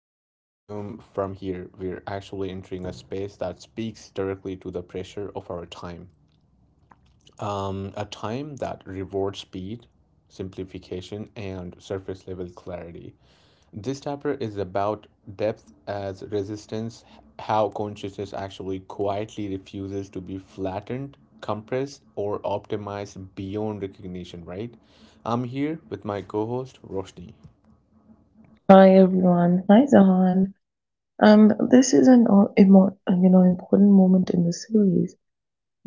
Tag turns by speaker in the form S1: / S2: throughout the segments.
S1: as we resume from here, we're actually entering a space that speaks directly to the pressure of our time. A time that rewards speed, simplification, and surface level clarity. This chapter is about depth as resistance, how consciousness actually quietly refuses to be flattened, compressed, or optimized beyond recognition, right? I'm here with my co host, Roshni.
S2: Hi everyone. Hi Zahan. And this is an important moment in the series,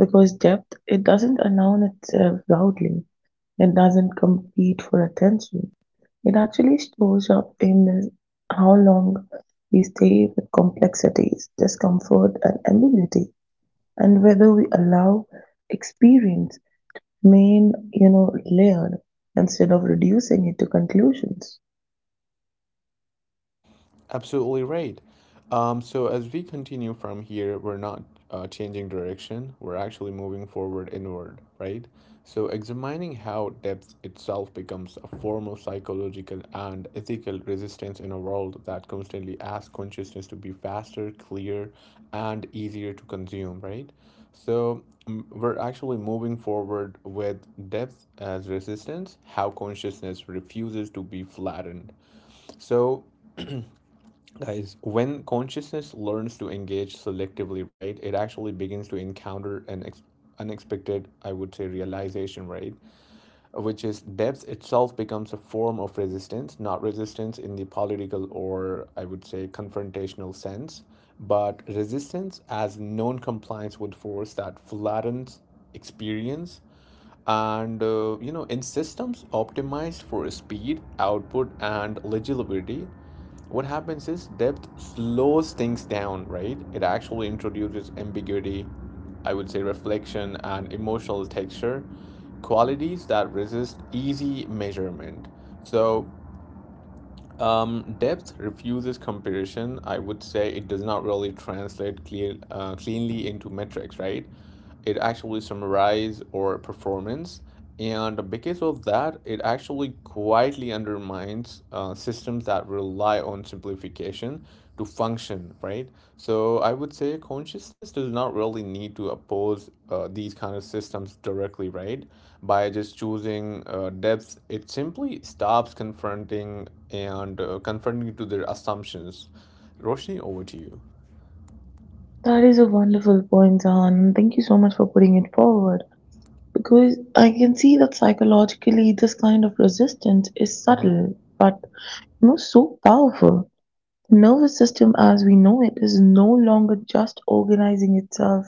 S2: because depth, it doesn't announce itself loudly. It doesn't compete for attention. It actually shows up in how long we stay with complexities, discomfort, and ambiguity, and whether we allow experience main you know layered instead of reducing it to conclusions.
S1: Absolutely right. So as we continue from here, we're not changing direction. We're actually moving forward inward, right? So examining how depth itself becomes a form of psychological and ethical resistance in a world that constantly asks consciousness to be faster, clear, and easier to consume, right? So we're actually moving forward with depth as resistance, how consciousness refuses to be flattened. So guys, when consciousness learns to engage selectively, right, it actually begins to encounter an unexpected, I would say, realization, right, which is depth itself becomes a form of resistance, not resistance in the political or, I would say, confrontational sense, but resistance as non compliance with force that flattens experience, and in systems optimized for speed output and legibility, what happens is depth slows things down, right? It actually introduces ambiguity, I would say, reflection and emotional texture, qualities that resist easy measurement. So depth refuses comparison. I would say it does not really translate cleanly into metrics, right? It actually summarizes or performance, and because of that, it actually quietly undermines systems that rely on simplification to function, right? So I would say consciousness does not really need to oppose these kind of systems directly, right? By just choosing depth, it simply stops confronting and confronting to their assumptions. Roshni, over to you.
S2: That is a wonderful point, Zahan, and thank you so much for putting it forward because I can see that psychologically this kind of resistance is
S1: Mhm.
S2: subtle, but so powerful. The nervous system, as we know it, is no longer just organizing itself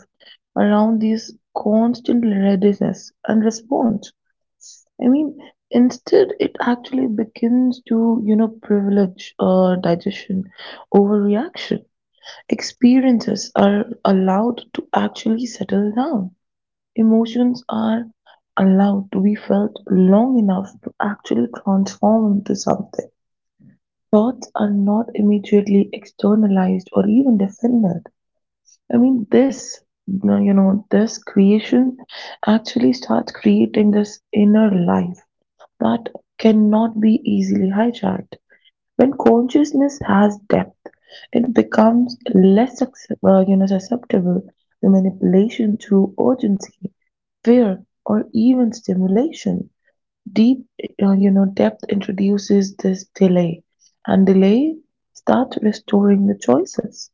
S2: around this constant readiness and response. I mean, instead, it actually begins to privilege digestion over reaction. Experiences are allowed to actually settle down; emotions are allowed to be felt long enough to actually transform into something. Thoughts are not immediately externalized or even defended. I mean, this creation actually starts creating this inner life that cannot be easily hijacked. When consciousness has depth, it becomes less susceptible to manipulation through urgency, fear, or even stimulation. Deep, depth introduces this delay, and delay starts restoring the choices.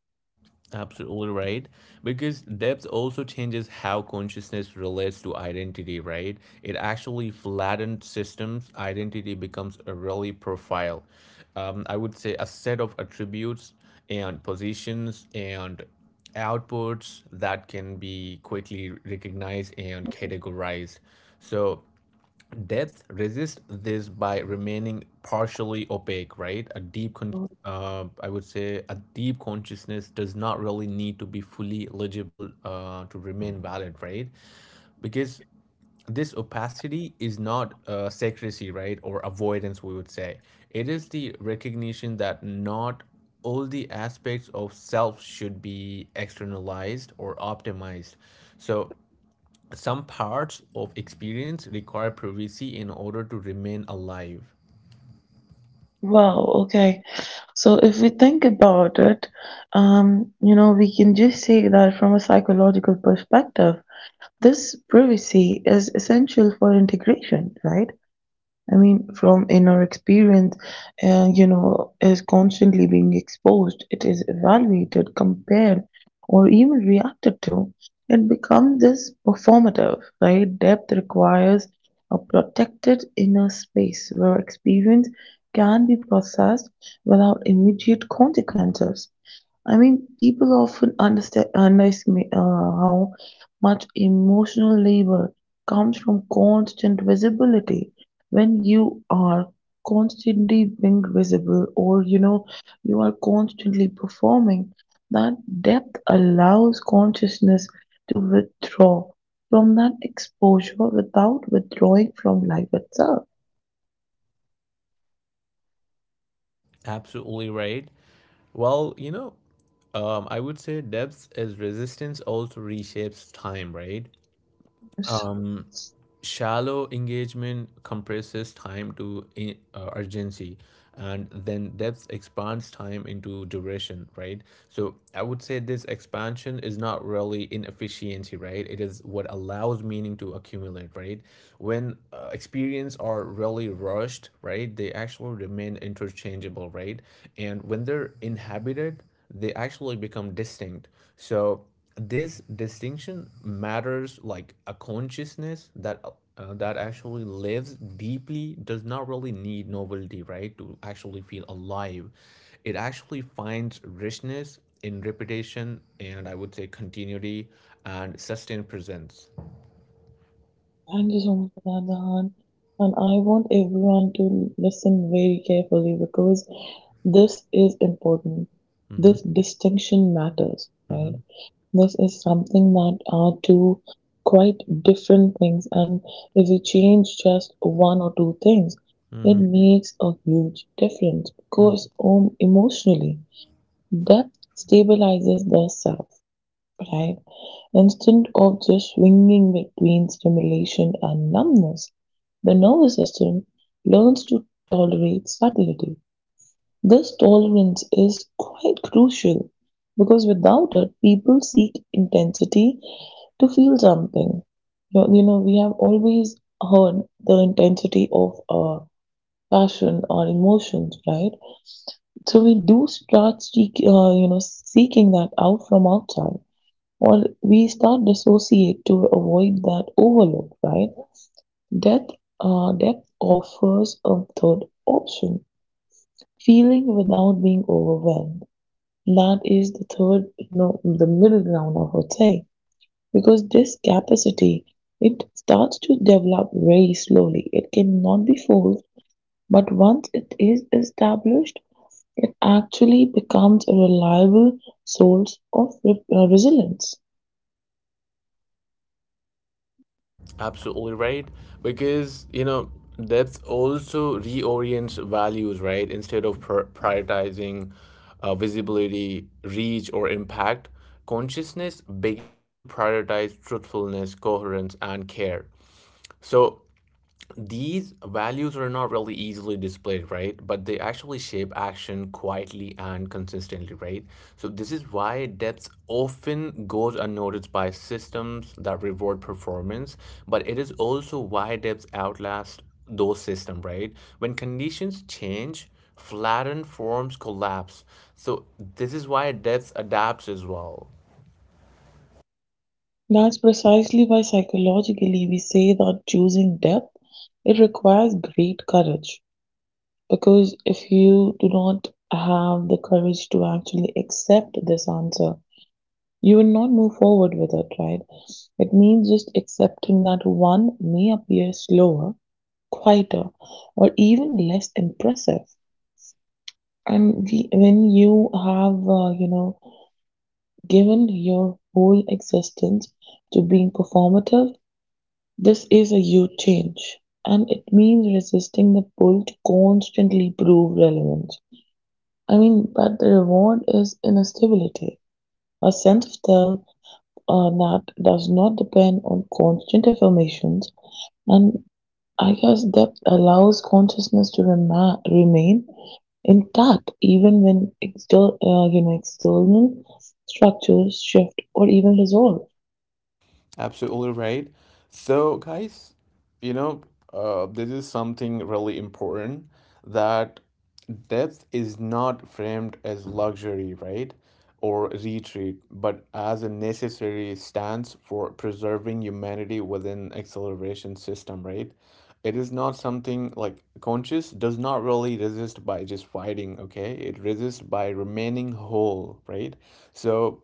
S1: Absolutely right. Because depth also changes how consciousness relates to identity, right? It actually flattens systems. Identity becomes a really profile. I would say a set of attributes and positions and outputs that can be quickly recognized and categorized. So depth resists this by remaining partially opaque, right? A I would say, a deep consciousness does not really need to be fully legible to remain valid, right? Because this opacity is not secrecy, right, or avoidance, we would say. It is the recognition that not all the aspects of self should be externalized or optimized. So some parts of experience require privacy in order to remain alive.
S2: Wow, okay. So if we think about it, we can just say that from a psychological perspective, this privacy is essential for integration, right? I mean, from inner experience, is constantly being exposed, it is evaluated, compared, or even reacted to. It becomes this performative, right? Depth requires a protected inner space where experience can be processed without immediate consequences. I mean, people often underestimate how much emotional labor comes from constant visibility. When you are constantly being visible, or you are constantly performing, that depth allows consciousness to withdraw from that exposure without withdrawing from life itself.
S1: Absolutely right. Well, you know, I would say depth as resistance also reshapes time, right?
S2: Yes.
S1: Shallow engagement compresses time to urgency, and then depth expands time into duration, right? So I would say this expansion is not really inefficiency, right? It is what allows meaning to accumulate, right? When experience are really rushed, right, they actually remain interchangeable, right? And when they're inhabited, they actually become distinct. So this distinction matters, like a consciousness that that actually lives deeply does not really need novelty, right, to actually feel alive. It actually finds richness in repetition and, I would say, continuity and sustained presence.
S2: Thank you so much for that, Dahan. And I want everyone to listen very carefully because this is important.
S1: Hmm.
S2: This distinction matters, right?
S1: Hmm.
S2: This is something that are two quite different things, and if we change just one or two things, it
S1: Hmm.
S2: makes a huge difference because, emotionally, depth stabilizes the self, right? Instead of just swinging between stimulation and numbness, the nervous system learns to tolerate subtlety. This tolerance is quite crucial because without it, people seek intensity to feel something. We have always heard the intensity of passion or emotions, right? So we do start seeking that out from outside, or we start dissociate to avoid that overload, right? Death, death offers a third option: feeling without being overwhelmed. That is the third, the middle ground, I would say, because this capacity, it starts to develop very slowly. It cannot be forced, but once it is established, it actually becomes a reliable source of resilience.
S1: Absolutely right. Because, you know, depth also reorients values, right? Instead of prioritizing visibility, reach, or impact, consciousness begins to prioritize truthfulness, coherence, and care. So these values are not really easily displayed, right? But they actually shape action quietly and consistently, right? So this is why depth often goes unnoticed by systems that reward performance, but it is also why depth outlasts those systems, right? When conditions change, flattened forms collapse. So this is why depth adapts as well.
S2: That's precisely why psychologically we say that choosing depth, it requires great courage, because if you do not have the courage to actually accept this answer, you will not move forward with it, right? It means just accepting that one may appear slower, quieter, or even less impressive. And when you have given your whole existence to being performative, this is a huge change, and it means resisting the pull to constantly prove relevance. I mean, but the reward is inner stability, a sense of self that does not depend on constant affirmations, and I guess that allows consciousness to remain intact even when external structures shift or even dissolve.
S1: Absolutely right. So, guys, you know, this is something really important, that death is not framed as luxury, right? Or retreat, but as a necessary stance for preserving humanity within acceleration system, right? It is not something like conscious does not really resist by just fighting, okay? It resists by remaining whole, right? So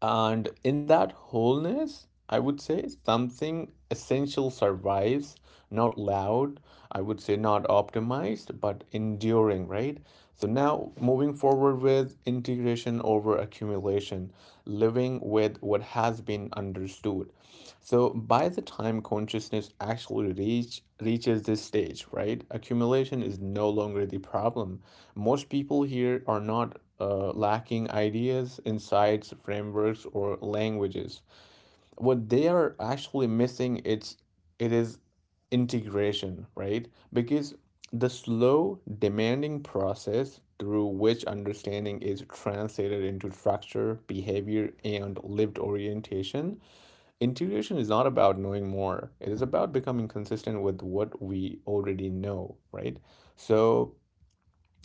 S1: and in that wholeness, I would say something essential survives, not loud, I would say, not optimized, but enduring, right? So now moving forward with integration over accumulation, living with what has been understood. So by the time consciousness actually reaches this stage, right, accumulation is no longer the problem. Most people here are not lacking ideas, insights, frameworks, or languages. What they are actually missing it's it is integration, right? Because the slow demanding process through which understanding is translated into structure behavior and lived orientation, integration is not about knowing more. It is about becoming consistent with what we already know, right? So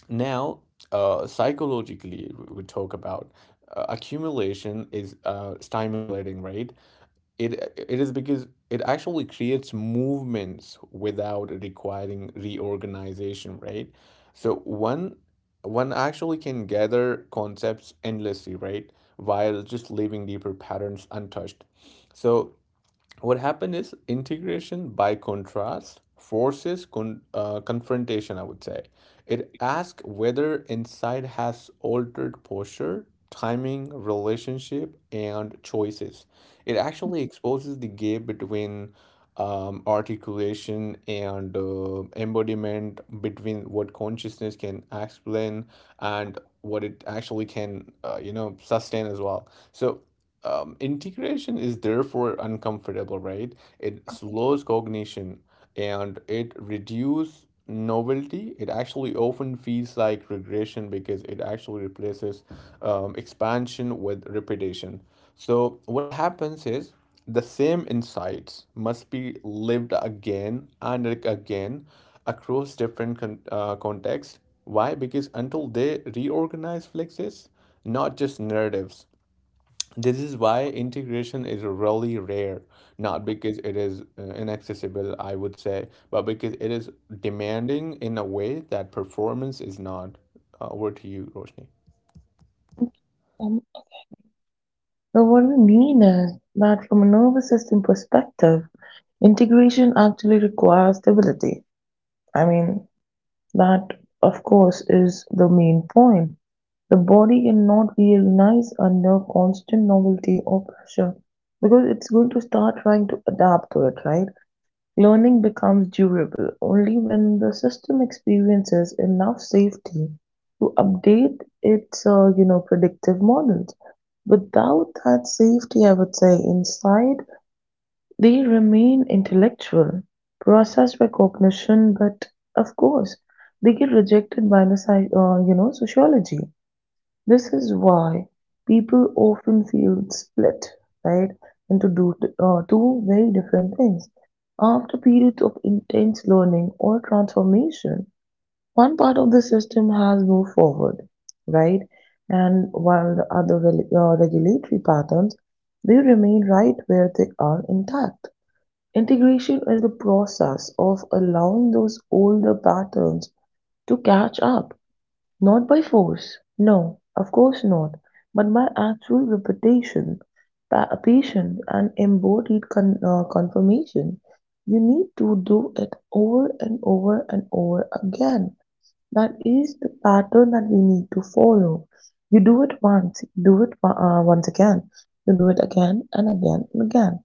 S1: now, psychologically we talk about, accumulation is stimulating, right? It is because it actually creates movements without requiring reorganization, right? So one actually can gather concepts endlessly, right, while just leaving deeper patterns untouched. So what happened is integration, by contrast, forces confrontation, I would say. It asks whether insight has altered posture, timing, relationship, and choices. It actually exposes the gap between articulation and embodiment, between what consciousness can explain and what it actually can sustain as well. So integration is therefore uncomfortable, right? It slows cognition and it reduces novelty. It actually often feels like regression because it actually replaces expansion with repetition. So what happens is the same insights must be lived again and again across different contexts. Why? Because until they reorganize flexes, not just narratives. This is why integration is really rare, not because it is inaccessible, I would say, but because it is demanding in a way that performance is not. Over to you, Roshni.
S2: Um, But what we mean is that from a nervous system perspective, integration actually requires stability. I mean, that, of course, is the main point. The body cannot realize under constant novelty or pressure because it's going to start trying to adapt to it, right? Learning becomes durable only when the system experiences enough safety to update its predictive models. Without that safety, I would say, inside, they remain intellectual, processed by cognition, but of course, they get rejected by the sociology. This is why people often feel split, right, into two very different things. After periods of intense learning or transformation, one part of the system has moved forward, right, and while the other regulatory patterns, they remain right where they are, intact. Integration is the process of allowing those older patterns to catch up, not by force, no, of course not, but by actual repetition, patience, and embodied confirmation. You need to do it over and over and over again. That is the pattern that we need to follow. You do it once, you do it once again, you do it again and again and again.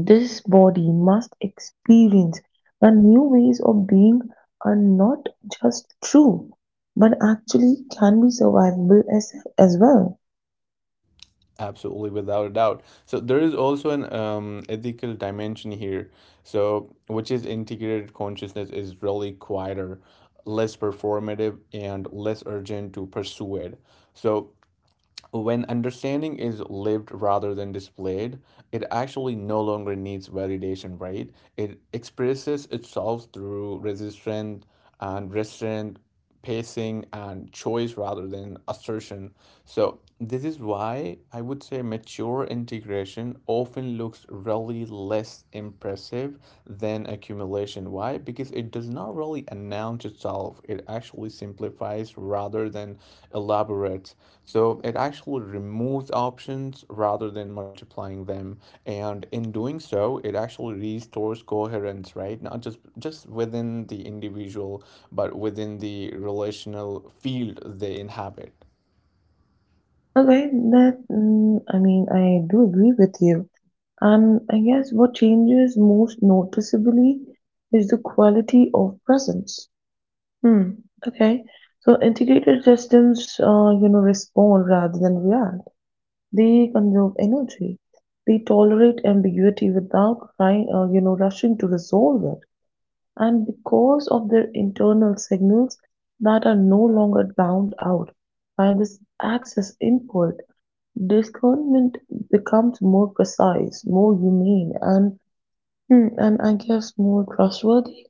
S2: This body must experience the new ways of being are not just true, but actually can be survivable, as well.
S1: Absolutely, without a doubt. So there is also an ethical dimension here. So which is integrated consciousness is really quieter, less performative, and less urgent to pursue it. So when understanding is lived rather than displayed, it actually no longer needs validation, right? It expresses itself through resistance and restraint, pacing, and choice rather than assertion. So this is why I would say mature integration often looks really less impressive than an accumulation. Why? Because it does not really announce itself. It actually simplifies rather than elaborates. So it actually removes options rather than multiplying them. And in doing so, it actually restores coherence, right? Not just within the individual, but within the relational field they inhabit.
S2: Okay, I mean, I do agree with you, and I guess what changes most noticeably is the quality of presence. Hmm. Okay, so integrated systems, respond rather than react. They conserve energy. They tolerate ambiguity without rushing to resolve it. And because of their internal signals that are no longer drowned out by this access input, discernment becomes more precise, more humane, and and I guess more trustworthy.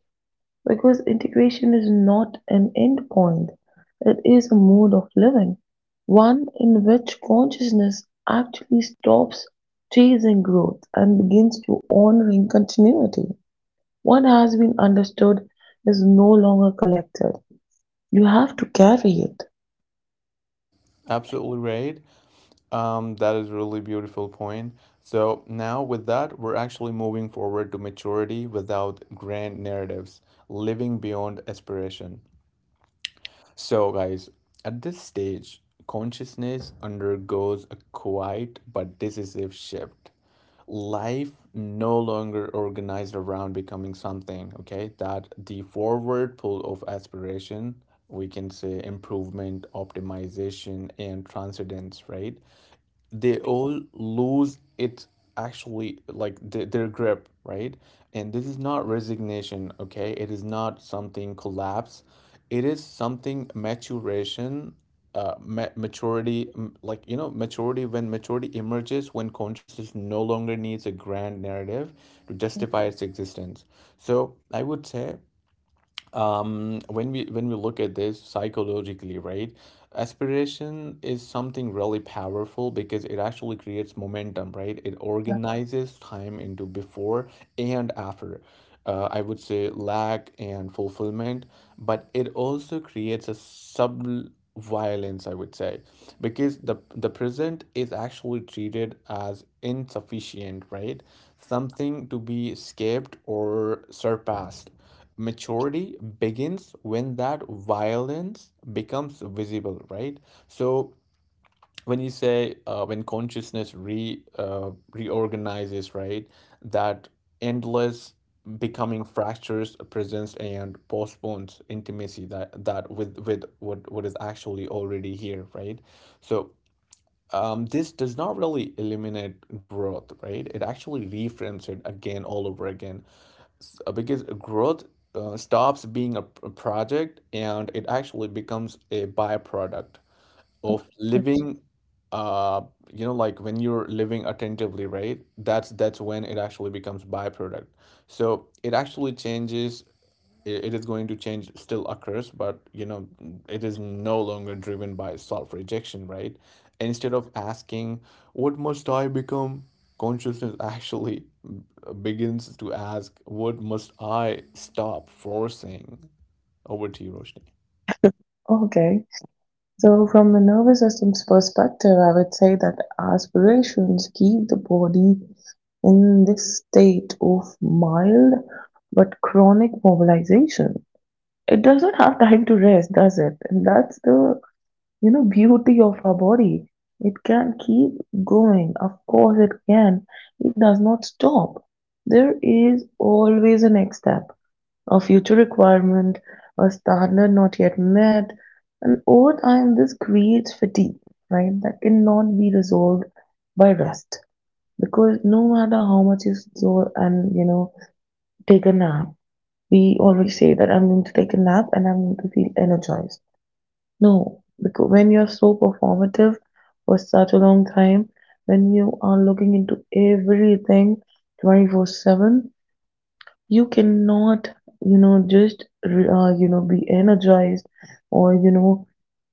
S2: Because integration is not an endpoint, it is a mode of living, one in which consciousness actually stops chasing growth and begins to honoring continuity. What has been understood is no longer collected. You have to carry it.
S1: Absolutely right. That is a really beautiful point. So now with that, we're actually moving forward to maturity without grand narratives, living beyond aspiration. So guys, at this stage, consciousness undergoes a quiet but decisive shift. Life no longer organized around becoming something, okay? That the forward pull of aspiration, we can say, improvement, optimization, and transcendence, right? They all lose it, actually, like their grip, right? And this is not resignation, okay? It is not something collapse. It is something maturation. Like, you know, maturity, when maturity emerges, when consciousness no longer needs a grand narrative to justify its existence. So I would say, um when we look at this psychologically, right, aspiration is something really powerful because it actually creates momentum, right? It organizes time into before and after, I would say, lack and fulfillment. But it also creates a sub violence, I would say, because the present is actually treated as insufficient, right? Something to be escaped or surpassed. Maturity begins when that violence becomes visible, right? So when you say, when consciousness re reorganizes, right, that endless becoming fractures presents and postpones intimacy, that that with what is actually already here, right? So this does not really eliminate growth, right? It actually reframes it again all over again, because growth stops being a project and it actually becomes a byproduct of living. uh you know, like when you're living attentively, right, that's when it actually becomes byproduct. So it actually changes. It is going to change, still occurs, but, you know, it is no longer driven by self rejection, right? Instead of asking what must I become, consciousness actually begins to ask what must I stop forcing. Over to you, Roshni.
S2: Okay, so from the nervous system's perspective, I would say that aspirations keep the body in this state of mild but chronic mobilization. It does not have time to rest, does it? And that's the beauty of our body. It can keep going, of course it can. It does not stop. There is always a next step, a future requirement, a standard not yet met, and over time this creates fatigue, right, that cannot be resolved by rest, because no matter how much you store, and take a nap — we always say that I'm going to take a nap and I'm going to feel energized. No, because when you're so performative for such a long time, when you are looking into everything 24/7, you cannot, just, be energized, or,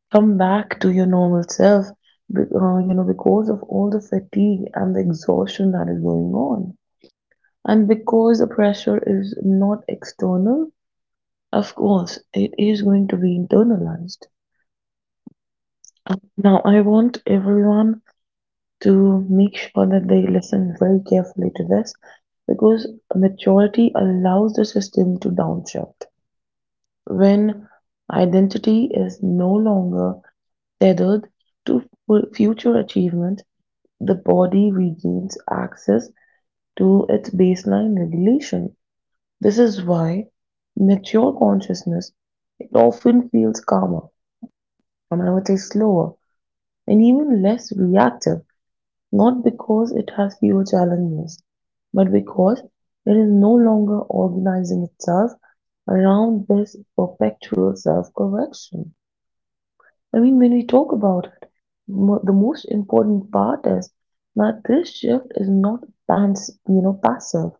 S2: come back to your normal self, because of all the fatigue and the exhaustion that is going on. And because the pressure is not external, of course, it is going to be internalized. Now, I want everyone to make sure that they listen very carefully to this, because maturity allows the system to downshift. When identity is no longer tethered to future achievement, the body regains access to its baseline regulation. This is why mature consciousness, it often feels calmer, and I would say slower, and even less reactive. Not because it has fewer challenges, but because it is no longer organizing itself around this perpetual self-correction. I mean, when we talk about it, the most important part is that this shift is not passive.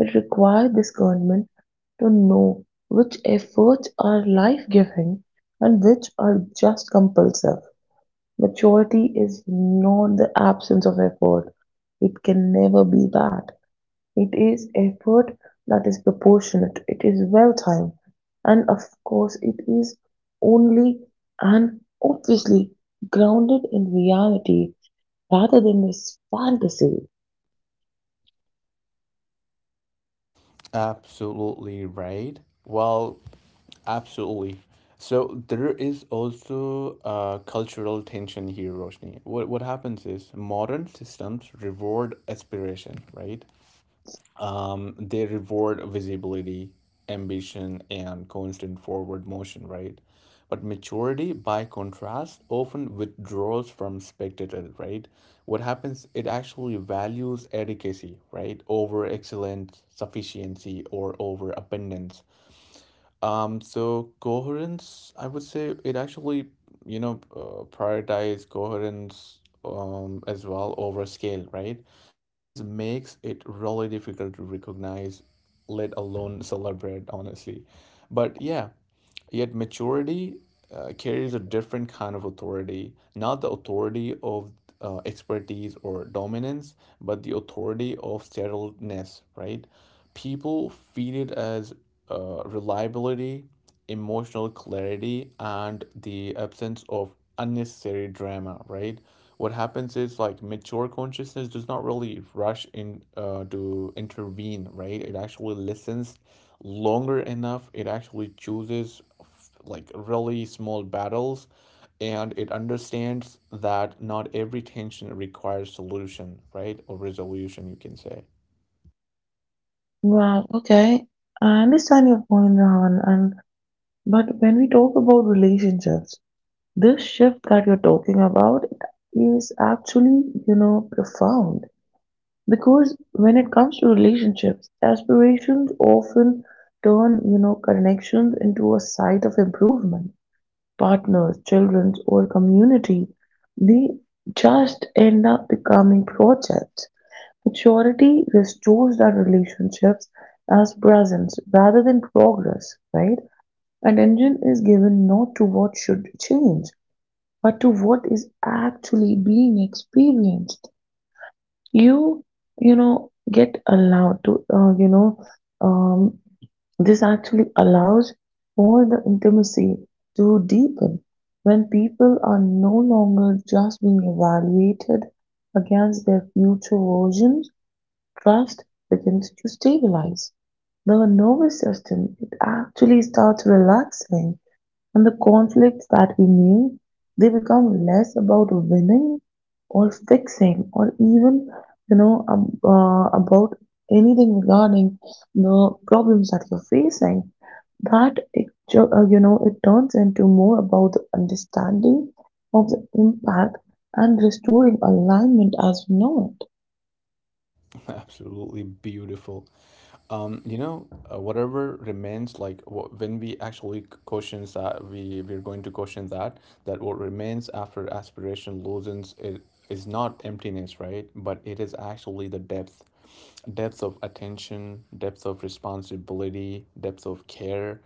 S2: It requires discernment to know which efforts are life-giving and which are just compulsive. Maturity is not the absence of effort. It can never be that. It is effort that is proportionate, it is well timed, and of course, it is only, and obviously, grounded in reality rather than this fantasy.
S1: Absolutely right. Well, absolutely. So there is also a cultural tension here, Roshni. What happens is modern systems reward aspiration, right? They reward visibility, ambition, and constant forward motion, right? But maturity, by contrast, often withdraws from spectator, right? What happens, it actually values adequacy, right, over excellence, sufficiency, or over abundance. So coherence, I would say it actually, prioritize coherence as well over scale, right? This makes it really difficult to recognize, let alone celebrate, honestly. But yeah. Yet maturity carries a different kind of authority, not the authority of expertise or dominance, but the authority of settledness, right? People feel it as reliability, emotional clarity, and the absence of unnecessary drama, right? What happens is, like, mature consciousness does not really rush in to intervene, right? It actually listens longer enough. It actually chooses, like, really small battles, and it understands that not every tension requires solution, right? Or resolution, you can say.
S2: Right, okay. I understand your point, Rahan, and but when we talk about relationships, this shift that you're talking about is actually profound, because when it comes to relationships, aspirations often turn connections into a site of improvement. Partners, children, or community, they just end up becoming projects. Maturity restores that relationships as presence rather than progress, right? And engine is given not to what should change but to what is actually being experienced, you you know get allowed to um, this actually allows for the intimacy to deepen. When people are no longer just being evaluated against their future versions, trust begins to stabilize. The nervous system, it actually starts relaxing, and the conflicts that we knew, they become less about winning or fixing, or even, about anything regarding the problems that you're facing. That, it, ju- you know, it turns into more about the understanding of the impact and restoring alignment as we know it.
S1: Absolutely beautiful. Whatever remains, like, wh- when we actually c- questions that, we we're going to question that, that what remains after aspiration loosens is not emptiness, right? But it is actually the depth, depth of attention, depth of responsibility, depth of care,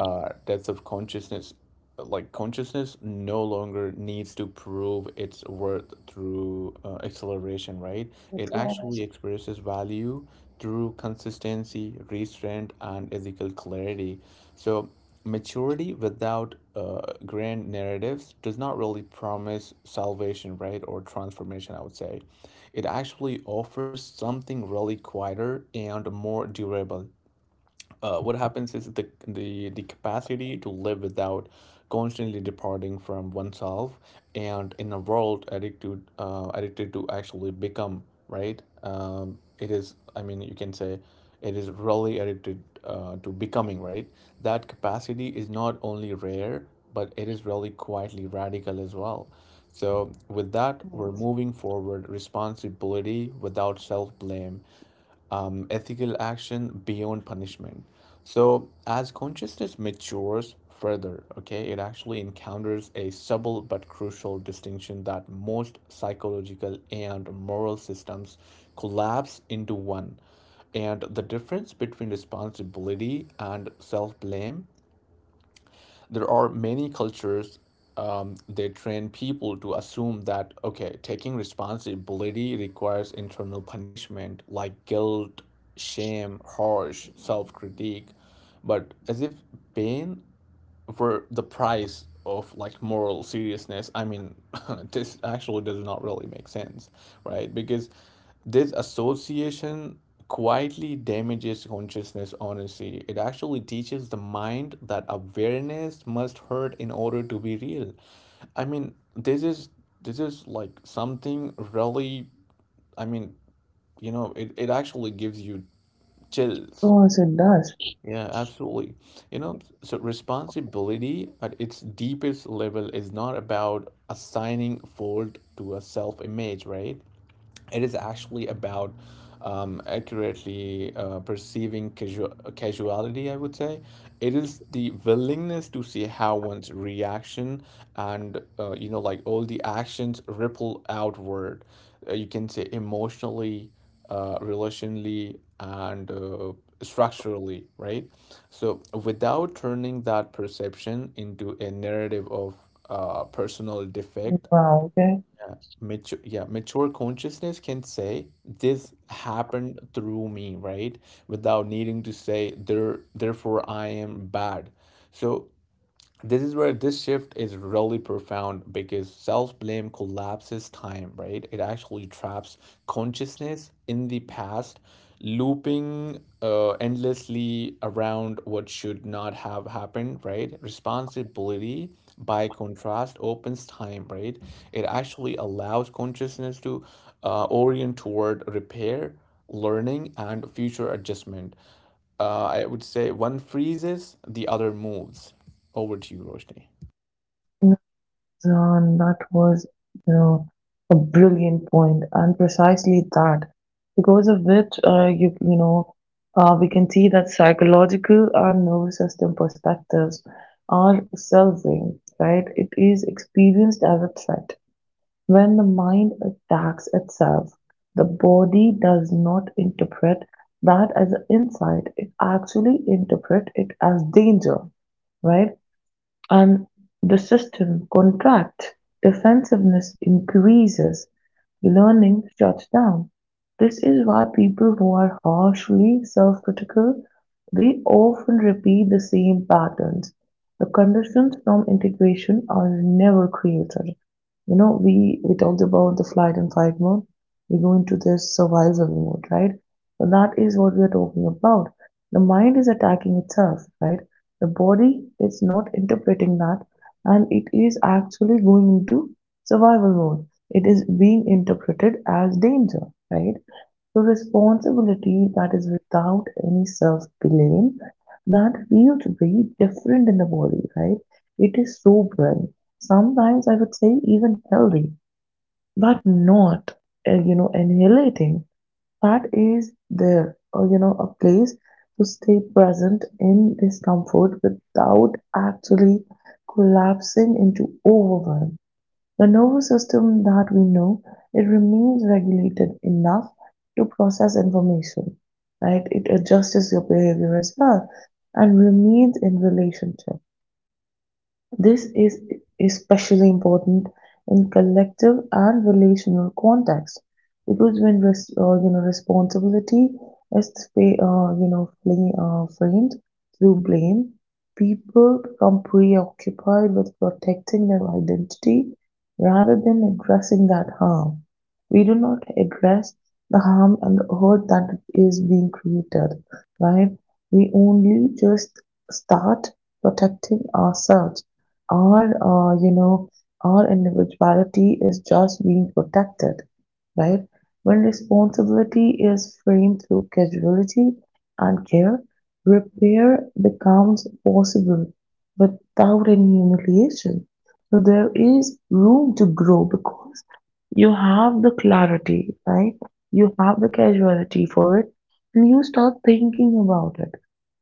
S1: depth of consciousness. Like, consciousness no longer needs to prove its worth through acceleration, right? It actually experiences value through consistency, restraint, and ethical clarity. So maturity without grand narratives does not really promise salvation, right, or transformation, I would say. It actually offers something really quieter and more durable. What happens is the capacity to live without constantly departing from oneself, and in a world addicted addicted to actually become, right? It is, I mean, you can say it is really addicted to becoming, right? That capacity is not only rare, but it is really quietly radical as well. So with that, we're moving forward: responsibility without self-blame, ethical action beyond punishment. So, as consciousness matures further, okay, it actually encounters a subtle but crucial distinction that most psychological and moral systems collapse into one. And the difference between responsibility and self blame, there are many cultures, they train people to assume that, okay, taking responsibility requires internal punishment, like guilt, shame, harsh self-critique, but as if pain for the price of, like, moral seriousness, I mean, this actually does not really make sense, right? Because this association quietly damages consciousness, honestly. It actually teaches the mind that awareness must hurt in order to be real. I mean, this is, this is like something really, I mean, you know, it actually gives you
S2: Of
S1: chills.
S2: course, it does.
S1: Yeah, absolutely. You know, so responsibility at its deepest level is not about assigning fault to a self image, right? It is actually about, accurately perceiving casual, casuality, I would say. It is the willingness to see how one's reaction and, like, all the actions ripple outward. You can say emotionally, relationally, and structurally, right? So without turning that perception into a narrative of personal defect,
S2: Wow, okay.
S1: mature, yeah, mature consciousness can say this happened through me, right, without needing to say there, therefore I am bad. So this is where this shift is really profound, because self-blame collapses time, right? It actually traps consciousness in the past, looping endlessly around what should not have happened, right? Responsibility, by contrast, opens time, right? It actually allows consciousness to orient toward repair, learning, and future adjustment. Uh, I would say one freezes, the other moves. Over to you, Roshni.
S2: John, that was, you know, a brilliant point, and precisely that, because of which, we can see that psychological and nervous system perspectives are self-aimed, right? It is experienced as a threat. When the mind attacks itself, the body does not interpret that as an insight. It actually interprets it as danger, right? And the system contracts, defensiveness increases, learning shuts down. This is why people who are harshly self-critical, they often repeat the same patterns. The conditions from integration are never created. We talked about the flight and fight mode. We go into this survival mode, right? So that is what we are talking about. The mind is attacking itself, right? The body is not interpreting that, and it is actually going into survival mode. It is being interpreted as danger, right? The responsibility that is without any self-blame, that feels very different in the body, right? It is sobering. Sometimes I would say even healthy, but not, annihilating. That is there, or, a place to stay present in discomfort without actually collapsing into overwhelm. The nervous system that we know, it remains regulated enough to process information, right? It adjusts your behavior as well and remains in relationship. This is especially important in collective and relational contexts, because when responsibility is framed through blame, people become preoccupied with protecting their identity rather than addressing that harm. We do not address the harm and the hurt that is being created, right? We only just start protecting ourselves. Our, uh, you know, our individuality is just being protected, right? When responsibility is framed through casualty and care, repair becomes possible without any humiliation. So there is room to grow because you have the clarity, right? You have the casualty for it, and you start thinking about it.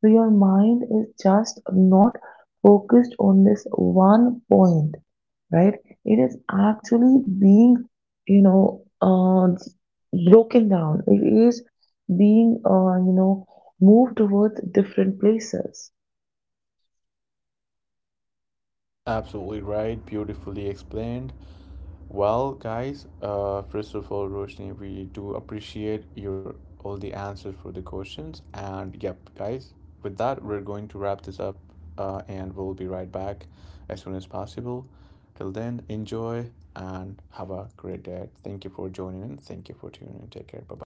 S2: So your mind is just not focused on this one point, right? It is actually being, you know, uh, broken down. It is being, moved towards different places.
S1: Absolutely right. Beautifully explained. Well, guys, first of all, Roshni, we do appreciate your all the answers for the questions. And yep, guys, with that, we're going to wrap this up, and we'll be right back as soon as possible. Till then, enjoy and have a great day. Thank you for joining in. Thank you for tuning in. Take care. Bye.